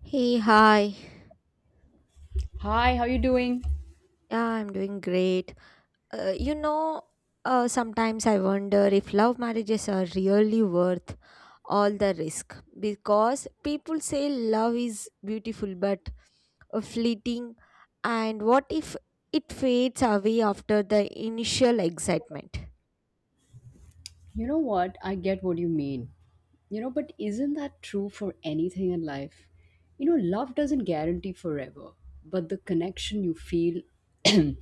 Hey, hi. Hi, how you doing? Yeah, I'm doing great. Uh, you know, sometimes I wonder if love marriages are really worth all the risk because people say love is beautiful but fleeting, and what if it fades away after the initial excitement? You know what? I get what you mean. But isn't that true for anything in life? Love doesn't guarantee forever, but the connection you feel, you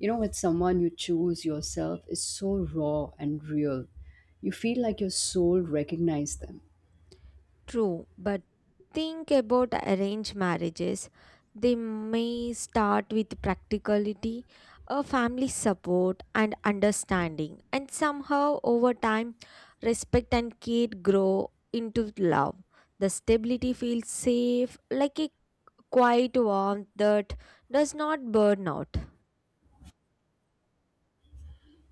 with someone you choose yourself is so raw and real. You feel like your soul recognizes them. True, but think about arranged marriages. They may start with practicality, a family support, and understanding, and somehow over time, respect and care grow into love. The stability feels safe, like a quiet warmth that does not burn out.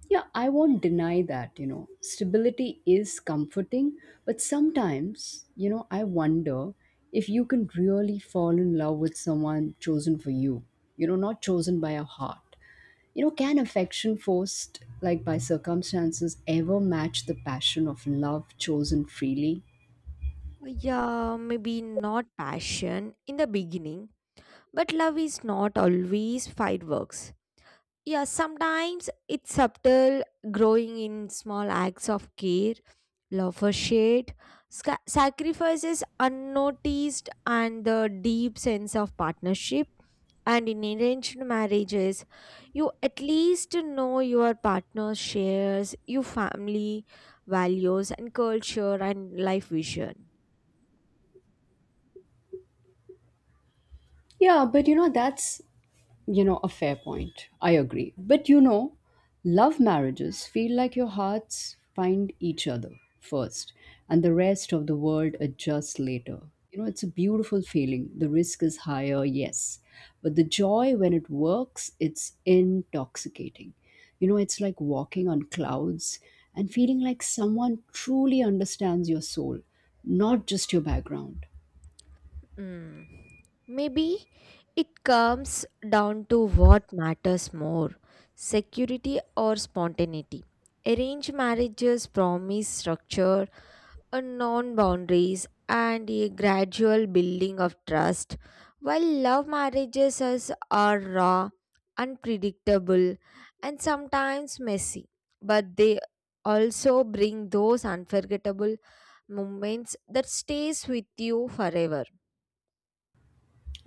Yeah, I won't deny that. Stability is comforting, but sometimes, I wonder if you can really fall in love with someone chosen for you, not chosen by your heart. Can affection forced like by circumstances ever match the passion of love chosen freely? Yeah, maybe not passion in the beginning, but love is not always fireworks. Yeah, sometimes it's subtle, growing in small acts of care, love for shade, sacrifices unnoticed, and the deep sense of partnership. And in arranged marriages, you at least know your partner shares your family values and culture and life vision. Yeah, but that's, a fair point. I agree. But love marriages feel like your hearts find each other first and the rest of the world adjusts later. It's a beautiful feeling. The risk is higher, yes. But the joy when it works, it's intoxicating. It's like walking on clouds and feeling like someone truly understands your soul, not just your background. Mm. Maybe it comes down to what matters more, security or spontaneity. Arranged marriages promise structure, a non boundaries, and a gradual building of trust, while are raw, unpredictable, and sometimes messy. But they also bring those unforgettable moments that stays with you forever.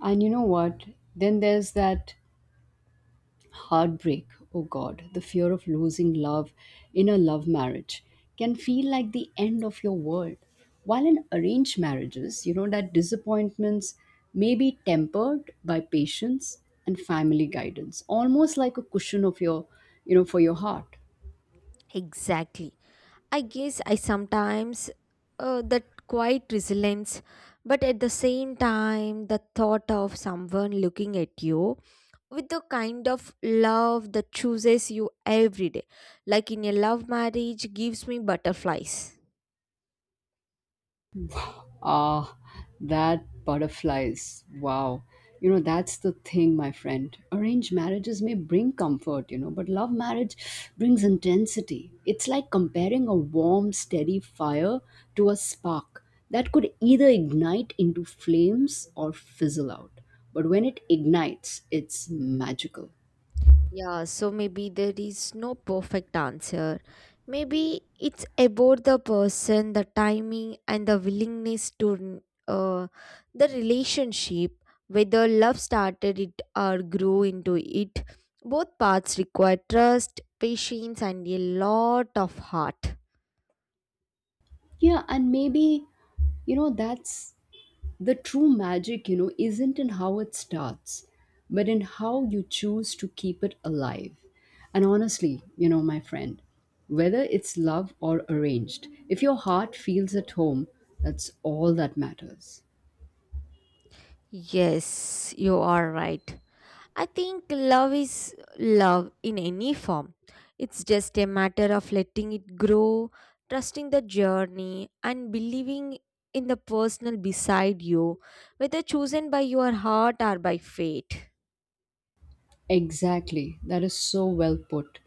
And you know what? Then there's that heartbreak, oh God, the fear of losing love in a love marriage can feel like the end of your world. While in arranged marriages, you know that disappointments may be tempered by patience and family guidance, almost like a cushion of your, for your heart. Exactly. I guess I sometimes that quiet resilience, but at the same time, the thought of someone looking at you with the kind of love that chooses you every day, like in a love marriage, gives me butterflies. Ah, that butterflies. Wow. That's the thing, my friend. Arranged marriages may bring comfort, but love marriage brings intensity. It's like comparing a warm, steady fire to a spark that could either ignite into flames or fizzle out. But when it ignites, it's magical. Yeah, so maybe there is no perfect answer. Maybe it's about the person, the timing, and the willingness to the relationship, whether love started it or grew into it. Both paths require trust, patience, and a lot of heart. Yeah, and maybe, that's the true magic, isn't in how it starts, but in how you choose to keep it alive. And honestly, my friend, whether it's love or arranged, if your heart feels at home, that's all that matters. Yes, you are right. I think love is love in any form. It's just a matter of letting it grow, trusting the journey, and believing in the person beside you, whether chosen by your heart or by fate. Exactly. That is so well put.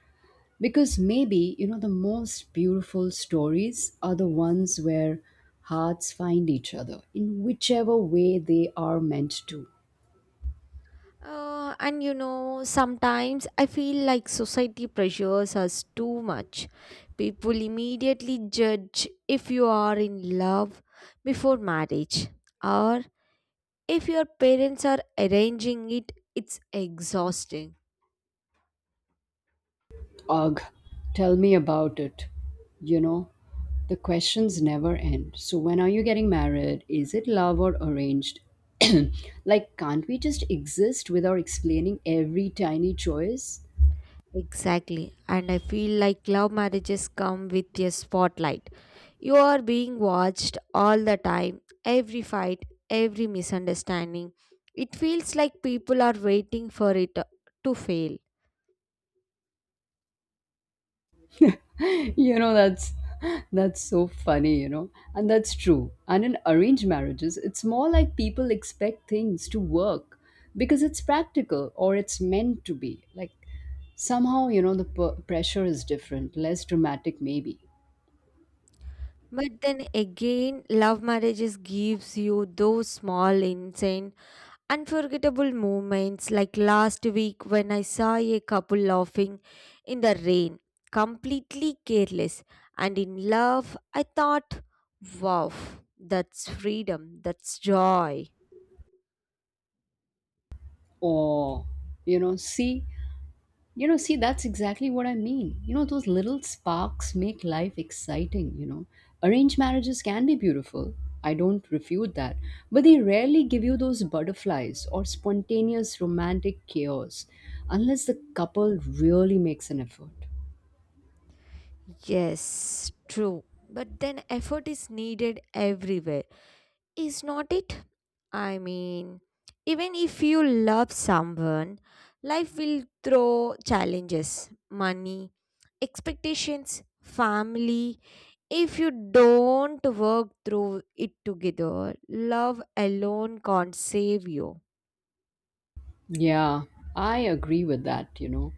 Because maybe, the most beautiful stories are the ones where hearts find each other in whichever way they are meant to. And sometimes I feel like society pressures us too much. People immediately judge if you are in love before marriage, or if your parents are arranging it, it's exhausting. Ugh, tell me about it. You know, the questions never end. So, when are you getting married? Is it love or arranged? Like, can't we just exist without explaining every tiny choice? Exactly. And I feel like love marriages come with a spotlight. You are being watched all the time, every fight, every misunderstanding. It feels like people are waiting for it to fail. you know, that's that's so funny, and that's true. And in arranged marriages, it's more like people expect things to work because it's practical or it's meant to be. Like, somehow, the pressure is different, less dramatic, maybe. But then again, love marriages gives you those small, insane unforgettable moments like last week when I saw a couple laughing in the rain, completely careless and in love, I thought, wow, that's freedom, that's joy. Oh, you know, see, see, that's exactly what I mean. Those little sparks make life exciting. Arranged marriages can be beautiful. I don't refute that. But they rarely give you those butterflies or spontaneous romantic chaos unless the couple really makes an effort. Yes, true. But then effort is needed everywhere, is not it? I mean, even if you love someone, life will throw challenges, money, expectations, family. If you don't work through it together, love alone can't save you. Yeah, I agree with that.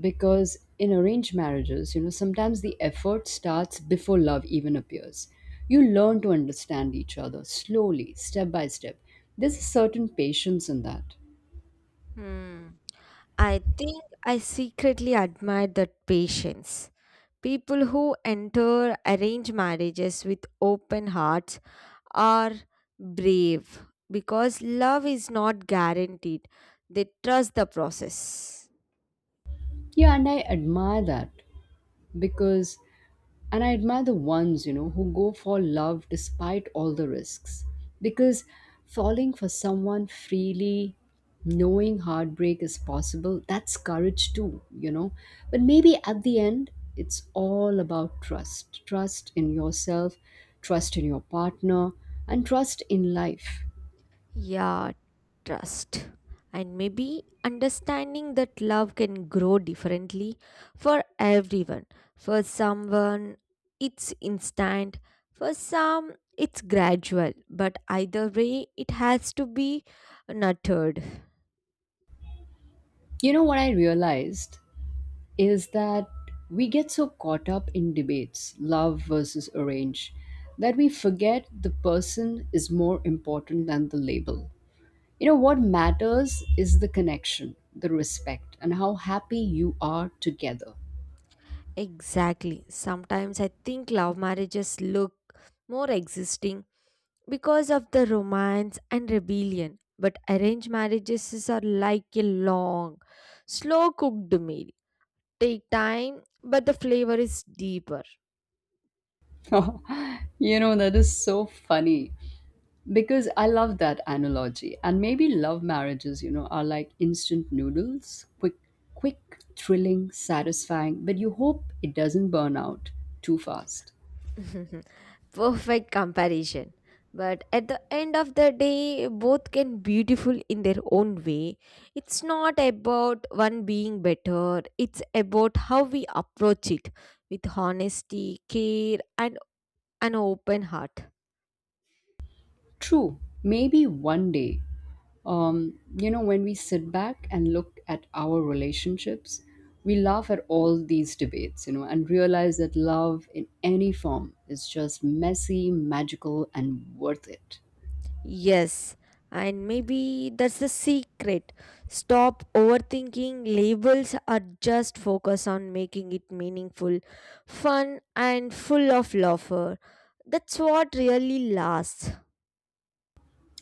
Because in arranged marriages, sometimes the effort starts before love even appears. You learn to understand each other slowly, step by step. There's a certain patience in that. Hmm. I think I secretly admire that patience. People who enter arranged marriages with open hearts are brave because love is not guaranteed. They trust the process. yeah and i admire that because And I admire the ones, who go for love despite all the risks. Because falling for someone freely, knowing heartbreak is possible, that's courage too. But maybe at the end, it's all about trust in yourself, trust in your partner, and trust in life. Yeah, trust, and maybe understanding that love can grow differently for everyone. For someone it's instant, for some it's gradual, but either way it has to be nurtured. You know what I realized is that we get so caught up in debates, love versus arrange, that we forget the person is more important than the label. What matters is the connection, the respect, and how happy you are together. Exactly. Sometimes I think love marriages look more existing because of the romance and rebellion, but are like a long slow cooked meal, take time, but the flavor is deeper. That is so funny because I love that analogy. And maybe love marriages, are like instant noodles, quick, quick, thrilling, satisfying, but you hope it doesn't burn out too fast. Perfect comparison. But at the end of the day, both can beautiful in their own way. It's not about one being better. It's about how we approach it with honesty, care, and an open heart. True, maybe one day. When we sit back and look at our relationships, we laugh at all these debates, and realize that love in any form is just messy, magical, and worth it. Yes, and maybe that's the secret. Stop overthinking labels or just focus on making it meaningful, fun, and full of laughter. That's what really lasts.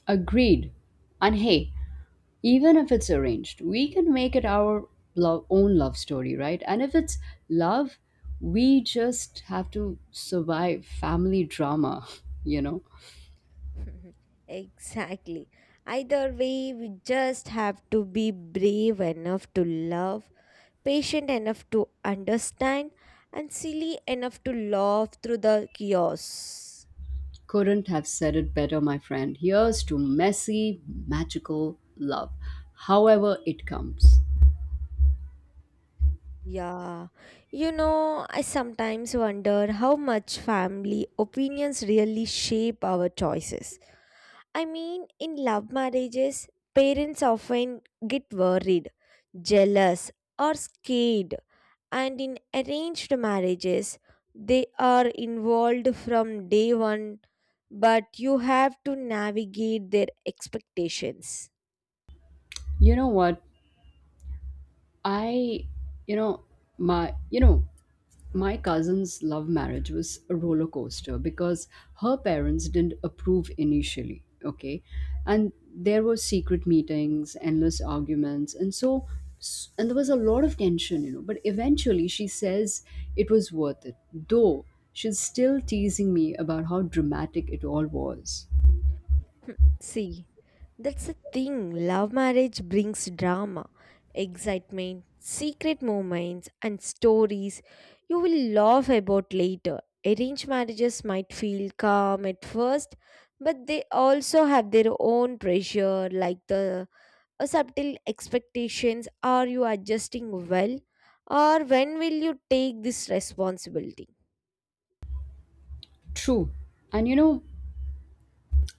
Agreed. And hey, even if it's arranged, we can make it our own love story, right? And if it's love, we just have to survive family drama, you know? Exactly. Either way, we just have to be brave enough to love, patient enough to understand, and silly enough to laugh through the chaos. Couldn't have said it better, my friend. Here's to messy, magical love, however it comes. Yeah, I sometimes wonder how much family opinions really shape our choices. I mean, in love marriages, parents often get worried, jealous, or scared, and in arranged marriages, they are involved from day one, but you have to navigate their expectations. You know what? I, you know, you know, my cousin's love marriage was a roller coaster because her parents didn't approve initially, okay? And there were secret meetings, endless arguments, and there was a lot of tension, but eventually she says it was worth it, though she's still teasing me about how dramatic it all was. See, that's the thing. Love marriage brings drama, excitement, secret moments, and stories you will laugh about later. Arranged marriages might feel calm at first, but they also have their own pressure, like the a subtle expectations, are you adjusting well, or when will you take this responsibility? True. And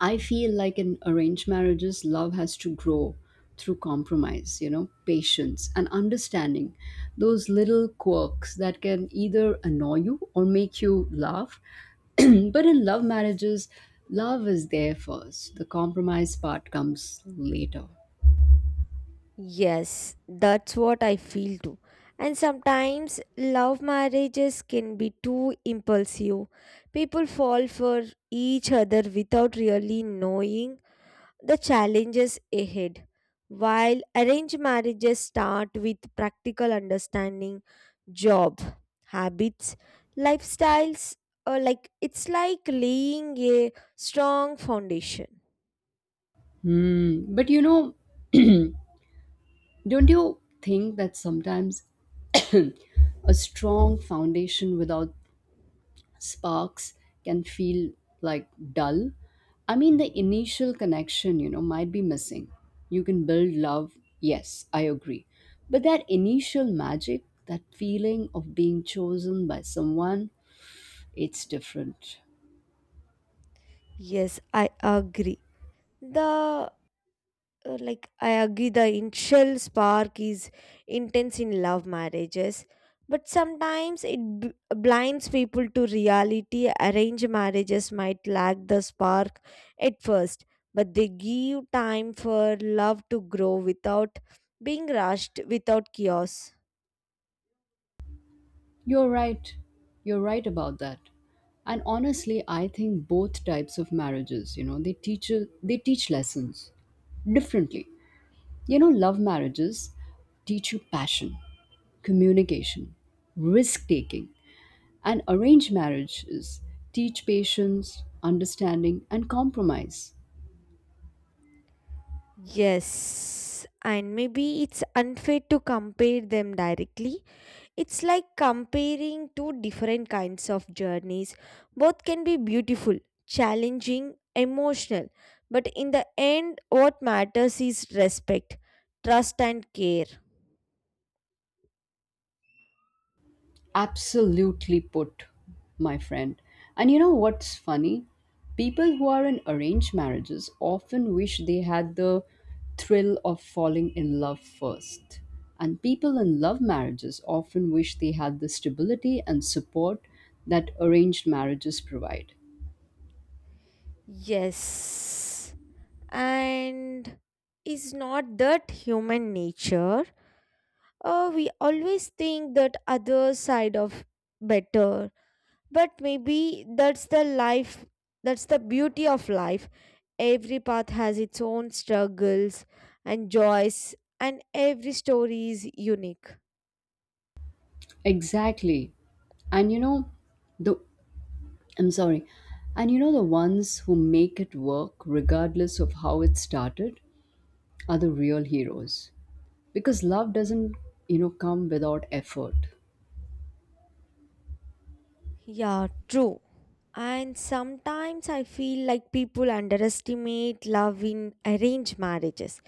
I feel like in arranged marriages, love has to grow through compromise, patience and understanding those little quirks that can either annoy you or make you laugh. But in love marriages, love is there first. The compromise part comes later. Yes, that's what I feel too. And sometimes love marriages can be too impulsive. People fall for each other without really knowing the challenges ahead. While arranged marriages start with practical understanding, job, habits, lifestyles, or like it's like laying a strong foundation. Hmm. But don't you think that sometimes a strong foundation without sparks can feel like dull, I mean, the initial connection, might be missing. You can build love, yes, I agree. But that initial magic, that feeling of being chosen by someone, it's different. Yes, I agree. The the initial spark is intense in love marriages, but sometimes it blinds people to reality. Arranged marriages might lack the spark at first, but they give time for love to grow without being rushed, without chaos. You're right. You're right about that. And honestly, I think both types of marriages, they teach lessons differently. Love marriages teach you passion, communication, risk taking, and arranged marriages teach patience, understanding, and compromise. Yes, and maybe it's unfair to compare them directly. It's like comparing two different kinds of journeys. Both can be beautiful, challenging, emotional, but in the end, what matters is respect, trust, and care. Absolutely put, my friend. And you know what's funny? People who are in arranged marriages often wish they had the thrill of falling in love first. And people in love marriages often wish they had the stability and support that arranged marriages provide. Yes, and is not that human nature? We always think that other side of better, but maybe that's the life, that's the beauty of life. Every path has its own struggles and joys, and every story is unique. Exactly. And you know, the I'm sorry. And the ones who make it work, regardless of how it started, are the real heroes. Because love doesn't, come without effort. Yeah, true. And sometimes I feel like people underestimate love in arranged marriages.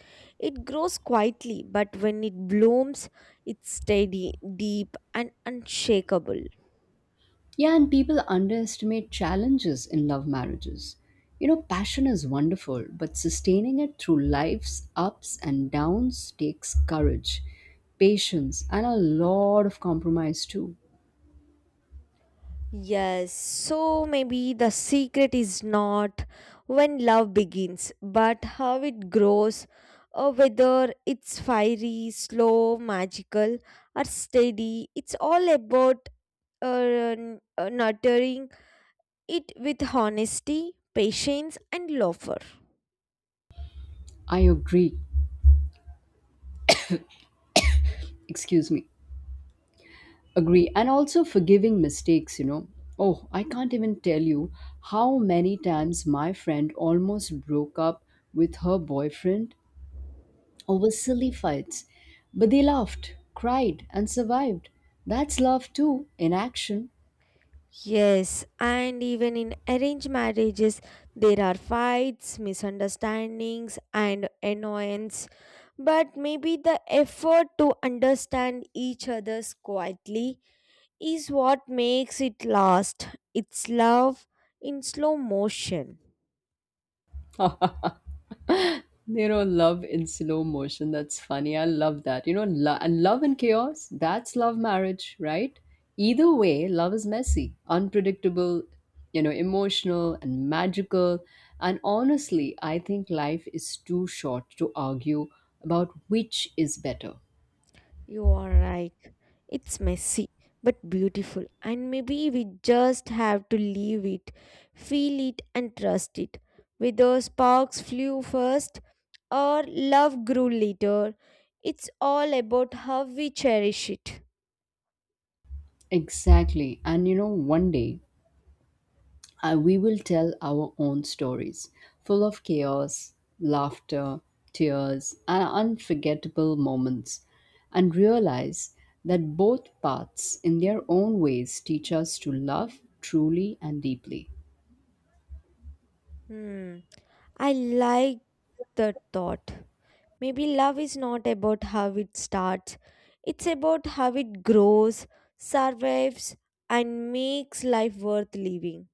It grows quietly, but when it blooms, it's steady, deep, and unshakable. Yeah, and people underestimate challenges in love marriages. Passion is wonderful, but sustaining it through life's ups and downs takes courage, patience, and a lot of compromise, too. Yes, so maybe the secret is not when love begins, but how it grows, or whether it's fiery, slow, magical, or steady. It's all about nurturing it with honesty, patience, and laughter. I agree. Excuse me. Agree. And also forgiving mistakes. Oh, I can't even tell you how many times my friend almost broke up with her boyfriend over silly fights. But they laughed, cried, and survived. That's love too, in action. Yes, and even in arranged marriages, there are fights, misunderstandings, and annoyance. But maybe the effort to understand each other's quietly is what makes it last. It's love in slow motion. Love in slow motion. That's funny. I love that. And love in chaos, that's love marriage, right? Either way, love is messy, unpredictable, emotional and magical. And honestly, I think life is too short to argue about which is better. You are right. It's messy but beautiful, and maybe we just have to leave it, feel it, and trust it. Whether sparks flew first or love grew later, it's all about how we cherish it. Exactly. And one day we will tell our own stories, full of chaos, laughter, tears, and unforgettable moments, and realize that both paths, in their own ways, teach us to love truly and deeply. Hmm. I like that thought. Maybe love is not about how it starts, it's about how it grows, survives, and makes life worth living.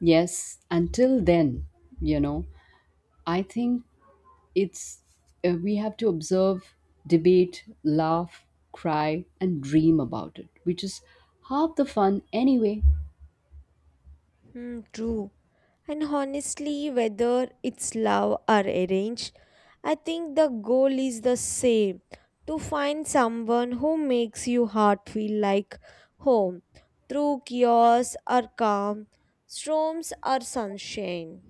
Yes, until then, you know, I think it's we have to observe, debate, laugh, cry, and dream about it, which is half the fun anyway. Hmm, true. And honestly, whether it's love or arranged, I think the goal is the same, to find someone who makes your heart feel like home through chaos or calm, storms or sunshine.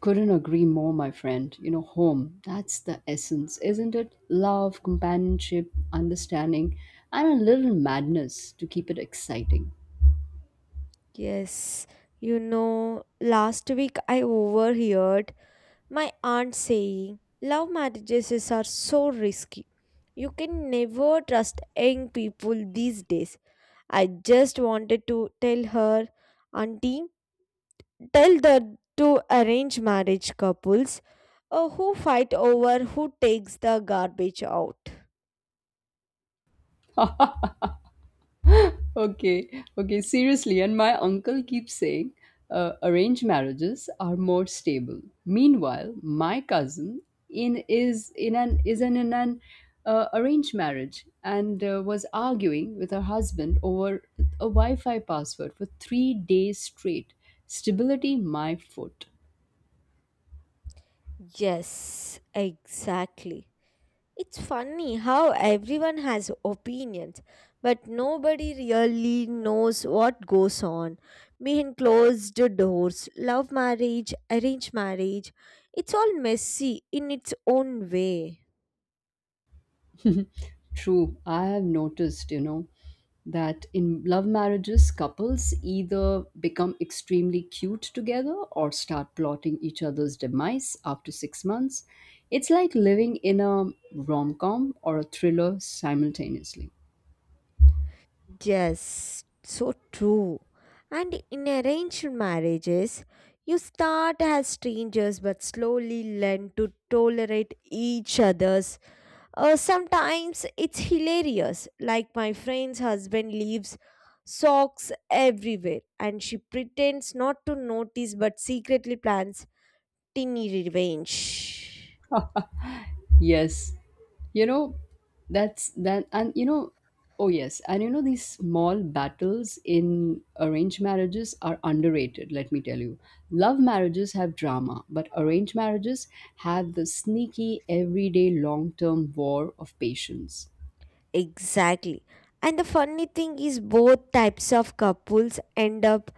Couldn't agree more, my friend. Home, that's the essence, isn't it? Love, companionship, understanding, and a little madness to keep it exciting. Yes, last week I overheard my aunt saying love marriages are so risky. You can never trust young people these days. I just wanted to tell her, Auntie, tell the two arranged marriage couples who fight over who takes the garbage out. Okay, okay, seriously. And my uncle keeps saying arranged marriages are more stable. Meanwhile, my cousin in is in an arranged marriage and was arguing with her husband over a Wi-Fi password for 3 days straight. Stability, my foot. Yes, exactly. It's funny how everyone has opinions, but nobody really knows what goes on behind closed doors, love marriage, arranged marriage. It's all messy in its own way. True, I have noticed, that in love marriages, couples either become extremely cute together or start plotting each other's demise after 6 months. It's like living in a rom com or a thriller simultaneously. Yes, so true. And in arranged marriages, you start as strangers but slowly learn to tolerate each other's. Sometimes it's hilarious, like my friend's husband leaves socks everywhere and she pretends not to notice but secretly plans tiny revenge. Yes, you know that's that and oh yes and these small battles in arranged marriages are underrated. Let me tell you, love marriages have drama, but arranged marriages have the sneaky, everyday, long-term war of patience. Exactly. And the funny thing is, both types of couples end up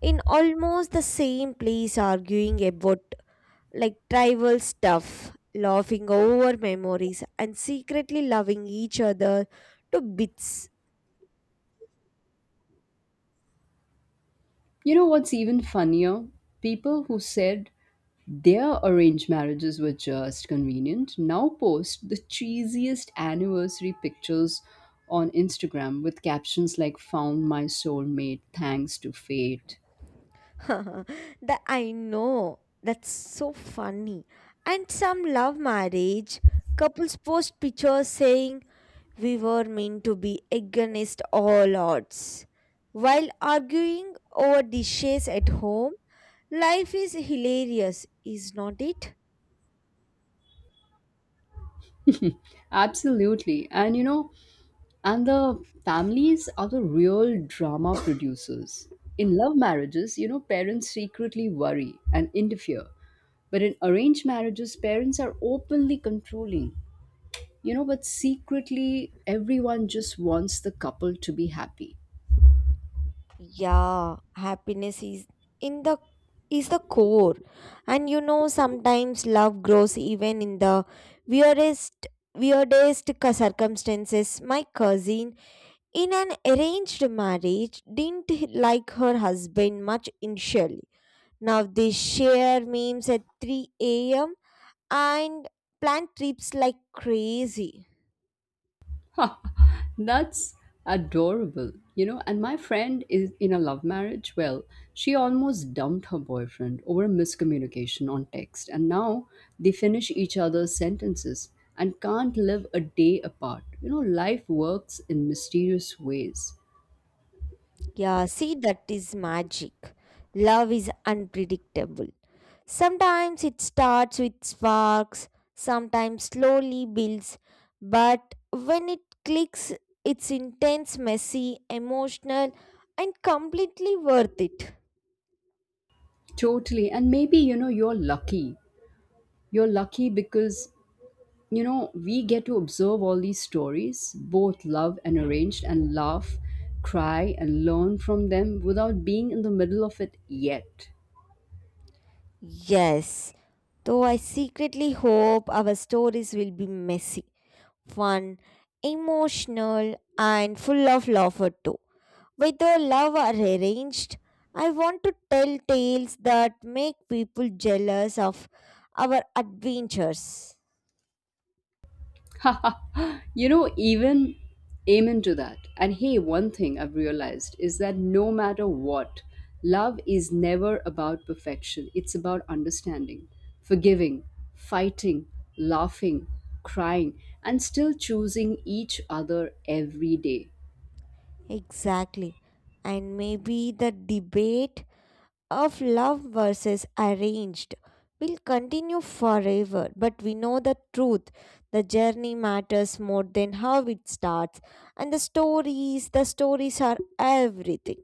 in almost the same place arguing about like tribal stuff, laughing over memories, and secretly loving each other to bits. You know what's even funnier? People who said their arranged marriages were just convenient now post the cheesiest anniversary pictures on Instagram with captions like "Found my soulmate thanks to fate." That I know. That's so funny. And some love marriage couples post pictures saying we were meant to be against all odds while arguing over dishes at home. Life is hilarious, is not it? Absolutely. And the families are the real drama producers. In love marriages, parents secretly worry and interfere. But in arranged marriages, parents are openly controlling. But secretly everyone just wants the couple to be happy. Yeah, happiness is in the is the core. And sometimes love grows even in the weirdest weirdest circumstances. My cousin in an arranged marriage didn't like her husband much initially. Now they share memes at 3 a.m. and plan trips like crazy. That's adorable. And my friend is in a love marriage. Well, she almost dumped her boyfriend over a miscommunication on text, and now they finish each other's sentences and can't live a day apart. Life works in mysterious ways. Yeah, see, that is magic. Love is unpredictable. Sometimes it starts with sparks, sometimes slowly builds, but when it clicks, it's intense, messy, emotional, and completely worth it. Totally. And maybe, you're lucky. You're lucky because we get to observe all these stories, both love and arranged, and laugh, cry, and learn from them without being in the middle of it yet. Yes, though I secretly hope our stories will be messy, fun, emotional, and full of laughter too. With Whether love arranged, I want to tell tales that make people jealous of our adventures. you know, even Amen to that. And hey, one thing I've realized is that no matter what, love is never about perfection, it's about understanding, forgiving, fighting, laughing, crying, and still choosing each other every day. Exactly. And maybe the debate of love versus arranged will continue forever, but we know the truth. The journey matters more than how it starts, and the stories are everything.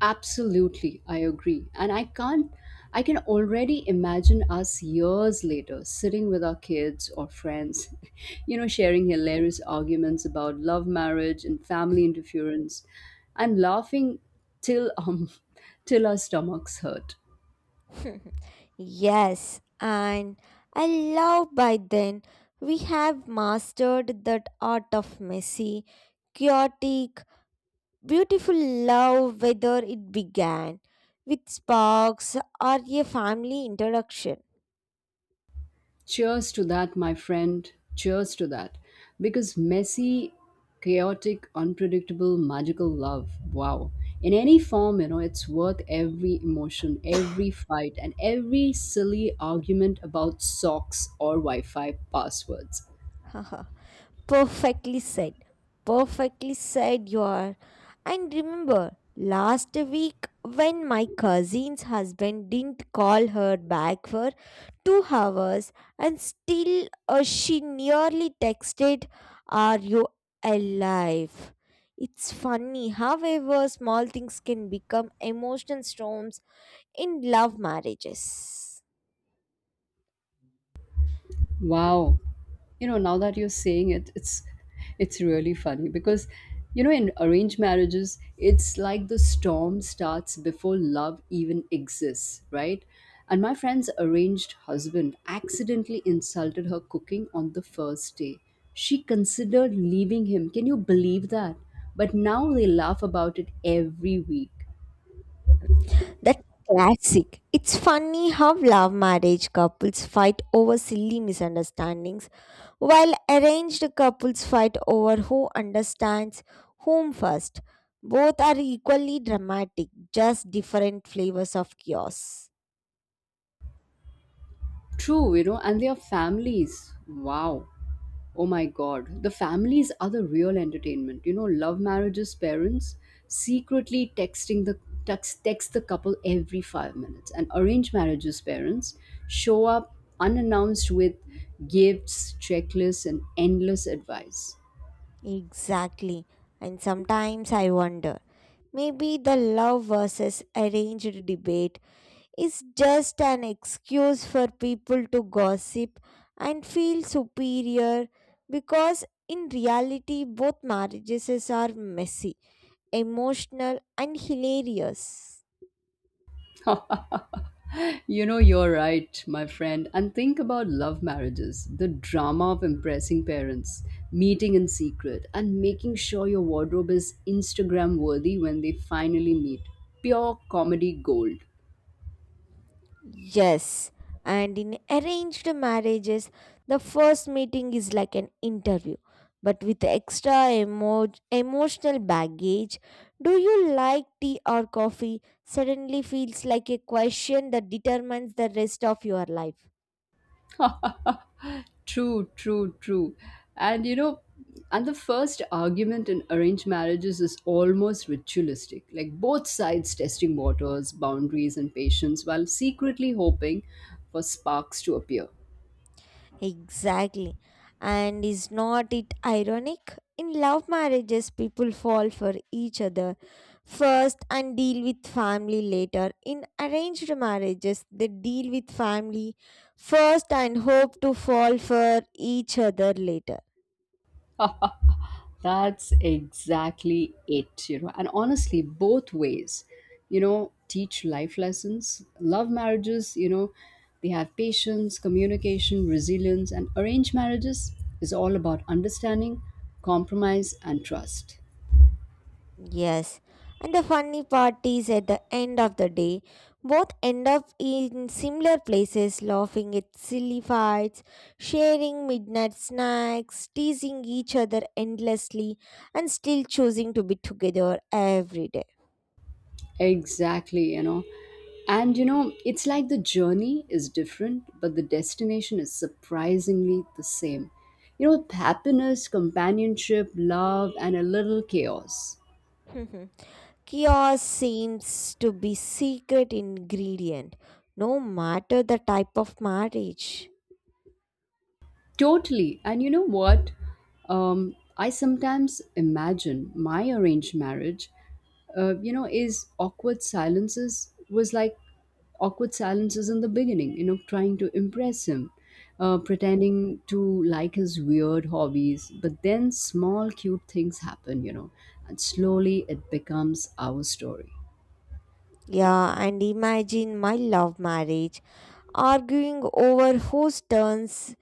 Absolutely, I agree. And I can't, I can already imagine us years later sitting with our kids or friends, sharing hilarious arguments about love, marriage, and family interference, and laughing till till our stomachs hurt. Yes, and I love by then we have mastered that art of messy, chaotic, beautiful love, whether it began with sparks or a family introduction. Cheers to that, my friend. Cheers to that. Because messy, chaotic, unpredictable, magical love, wow. In any form, it's worth every emotion, every fight, and every silly argument about socks or Wi Fi passwords. Perfectly said. Perfectly said you are. And remember, last week when my cousin's husband didn't call her back for 2 hours and still she nearly texted, are you alive? It's funny, however, small things can become emotional storms in love marriages. Wow. You know, now that you're saying it, it's really funny because you know in arranged marriages, it's like the storm starts before love even exists, right? And my friend's arranged husband accidentally insulted her cooking on the first day. She considered leaving him. Can you believe that? But now they laugh about it every week. That classic. It's funny how love marriage couples fight over silly misunderstandings, while arranged couples fight over who understands whom first. Both are equally dramatic, just different flavors of chaos. True, you know, and their families. Wow. Oh my god. The families are the real entertainment. You know, love marriages parents secretly text the couple every 5 minutes and arranged marriages parents show up unannounced with gifts, checklists and endless advice. Exactly. And sometimes I wonder, maybe the love versus arranged debate is just an excuse for people to gossip and feel superior, because in reality both marriages are messy, emotional and hilarious. You're right, my friend. And think about love marriages, the drama of impressing parents, meeting in secret, and making sure your wardrobe is Instagram worthy when they finally meet. Pure comedy gold. Yes, and in arranged marriages the first meeting is like an interview but with extra emotional baggage. Do you like tea or coffee suddenly feels like a question that determines the rest of your life. true, true, true. And you know, and the first argument in arranged marriages is almost ritualistic, like both sides testing waters, boundaries, and patience while secretly hoping for sparks to appear. Exactly. And is not it ironic? In love marriages, people fall for each other first and deal with family later. In arranged marriages, they deal with family first and hope to fall for each other later. That's exactly it, you know. And honestly, both ways, you know, teach life lessons. Love marriages, you know, they have patience, communication, resilience, and arranged marriages is all about understanding, compromise, and trust. Yes, and the funny part is at the end of the day, both end up in similar places laughing at silly fights, sharing midnight snacks, teasing each other endlessly, and still choosing to be together every day. Exactly, you know. And you know, it's like the journey is different, but the destination is surprisingly the same. You know, happiness, companionship, love, and a little chaos. Mhm. Chaos seems to be secret ingredient, no matter the type of marriage. Totally. And you know what? I sometimes imagine my arranged marriage, you know, is awkward silences was like awkward silences in the beginning, you know, trying to impress him, pretending to like his weird hobbies. But then small, cute things happen, you know, and slowly it becomes our story. Yeah, and imagine my love marriage. Arguing over whose turns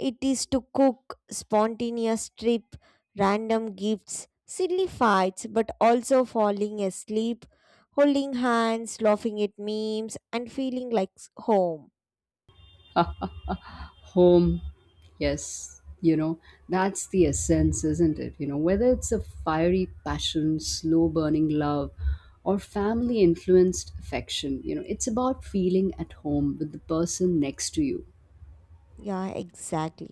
it is to cook, spontaneous trip, random gifts, silly fights, but also falling asleep, holding hands, laughing at memes, and feeling like home. Home, yes, you know, that's the essence, isn't it? You know, whether it's a fiery passion, slow burning love, or family influenced affection, you know, it's about feeling at home with the person next to you. Yeah, exactly.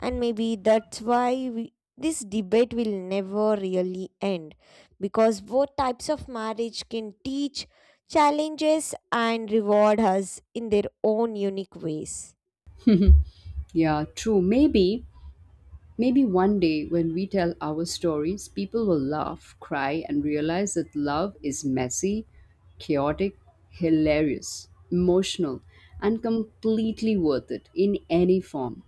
And maybe that's why we, this debate will never really end because both types of marriage can teach challenges and reward us in their own unique ways. Yeah, true. Maybe one day when we tell our stories people will laugh, cry, and realize that love is messy, chaotic, hilarious, emotional, and completely worth it in any form.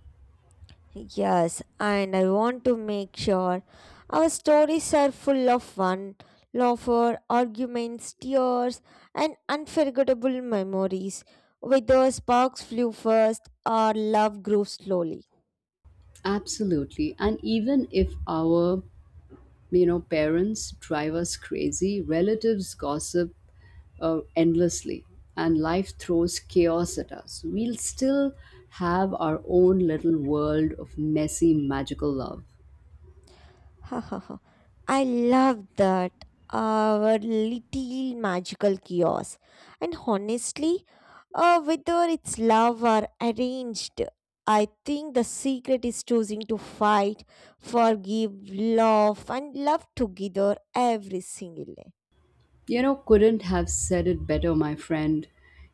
Yes, and I want to make sure our stories are full of fun, laughter, arguments, tears, and unforgettable memories, whether sparks flew first or love grew slowly. Absolutely. And even if parents drive us crazy, relatives gossip endlessly and life throws chaos at us, we'll still have our own little world of messy, magical love. Ha ha ha. I love that. Our little magical kiosk. And honestly, whether it's love or arranged, I think the secret is choosing to fight, forgive, love, and love together every single day. You know, couldn't have said it better, my friend.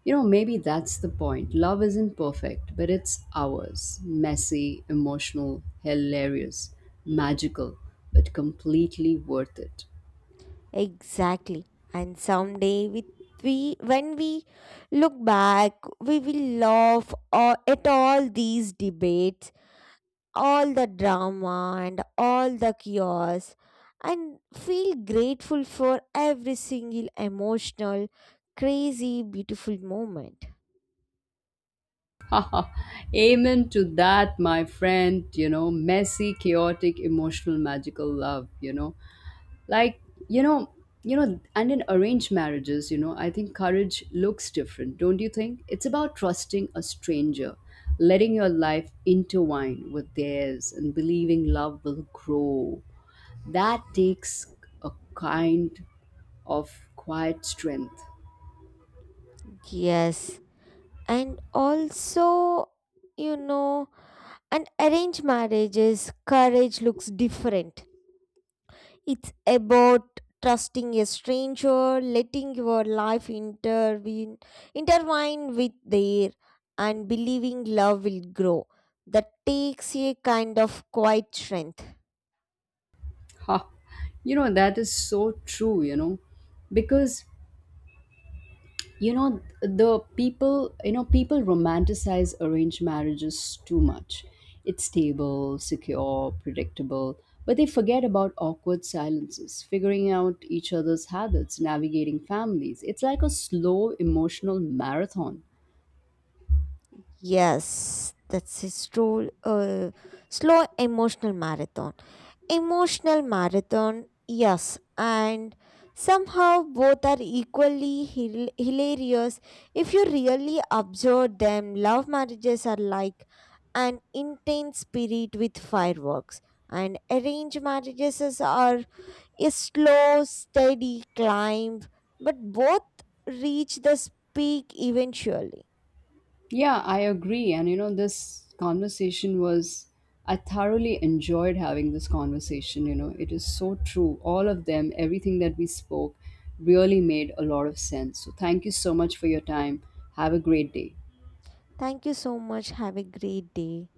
You know, maybe that's the point. Love isn't perfect, but it's ours. Messy, emotional, hilarious, magical, but completely worth it. Exactly. And someday we when we look back, we will laugh at all these debates, all the drama and all the chaos, and feel grateful for every single emotional, crazy, beautiful moment. Amen to that, my friend. You know, messy, chaotic, emotional, magical love. Like, you know, and in arranged marriages, you know, I think courage looks different, don't you think? It's about trusting a stranger, letting your life intertwine with theirs, and believing love will grow. That takes a kind of quiet strength. Yes, and also, you know, and arranged marriages, courage looks different. It's about trusting a stranger, letting your life intertwine with their, and believing love will grow. That takes a kind of quiet strength. Ha! You know, that is so true, you know, because you know the people you know people romanticize arranged marriages too much. It's stable, secure, predictable, but they forget about awkward silences, figuring out each other's habits, navigating families. It's like a slow emotional marathon. Yes, that's his role. Slow emotional marathon. Emotional marathon, yes. And somehow both are equally hilarious if you really observe them. Love marriages are like an intense spirit with fireworks, and are a slow, steady climb, but both reach the peak eventually. Yeah, I agree. And you know, I thoroughly enjoyed having this conversation. You know, it is so true. All of them, everything that we spoke really made a lot of sense. So thank you so much for your time. Have a great day. Thank you so much. Have a great day.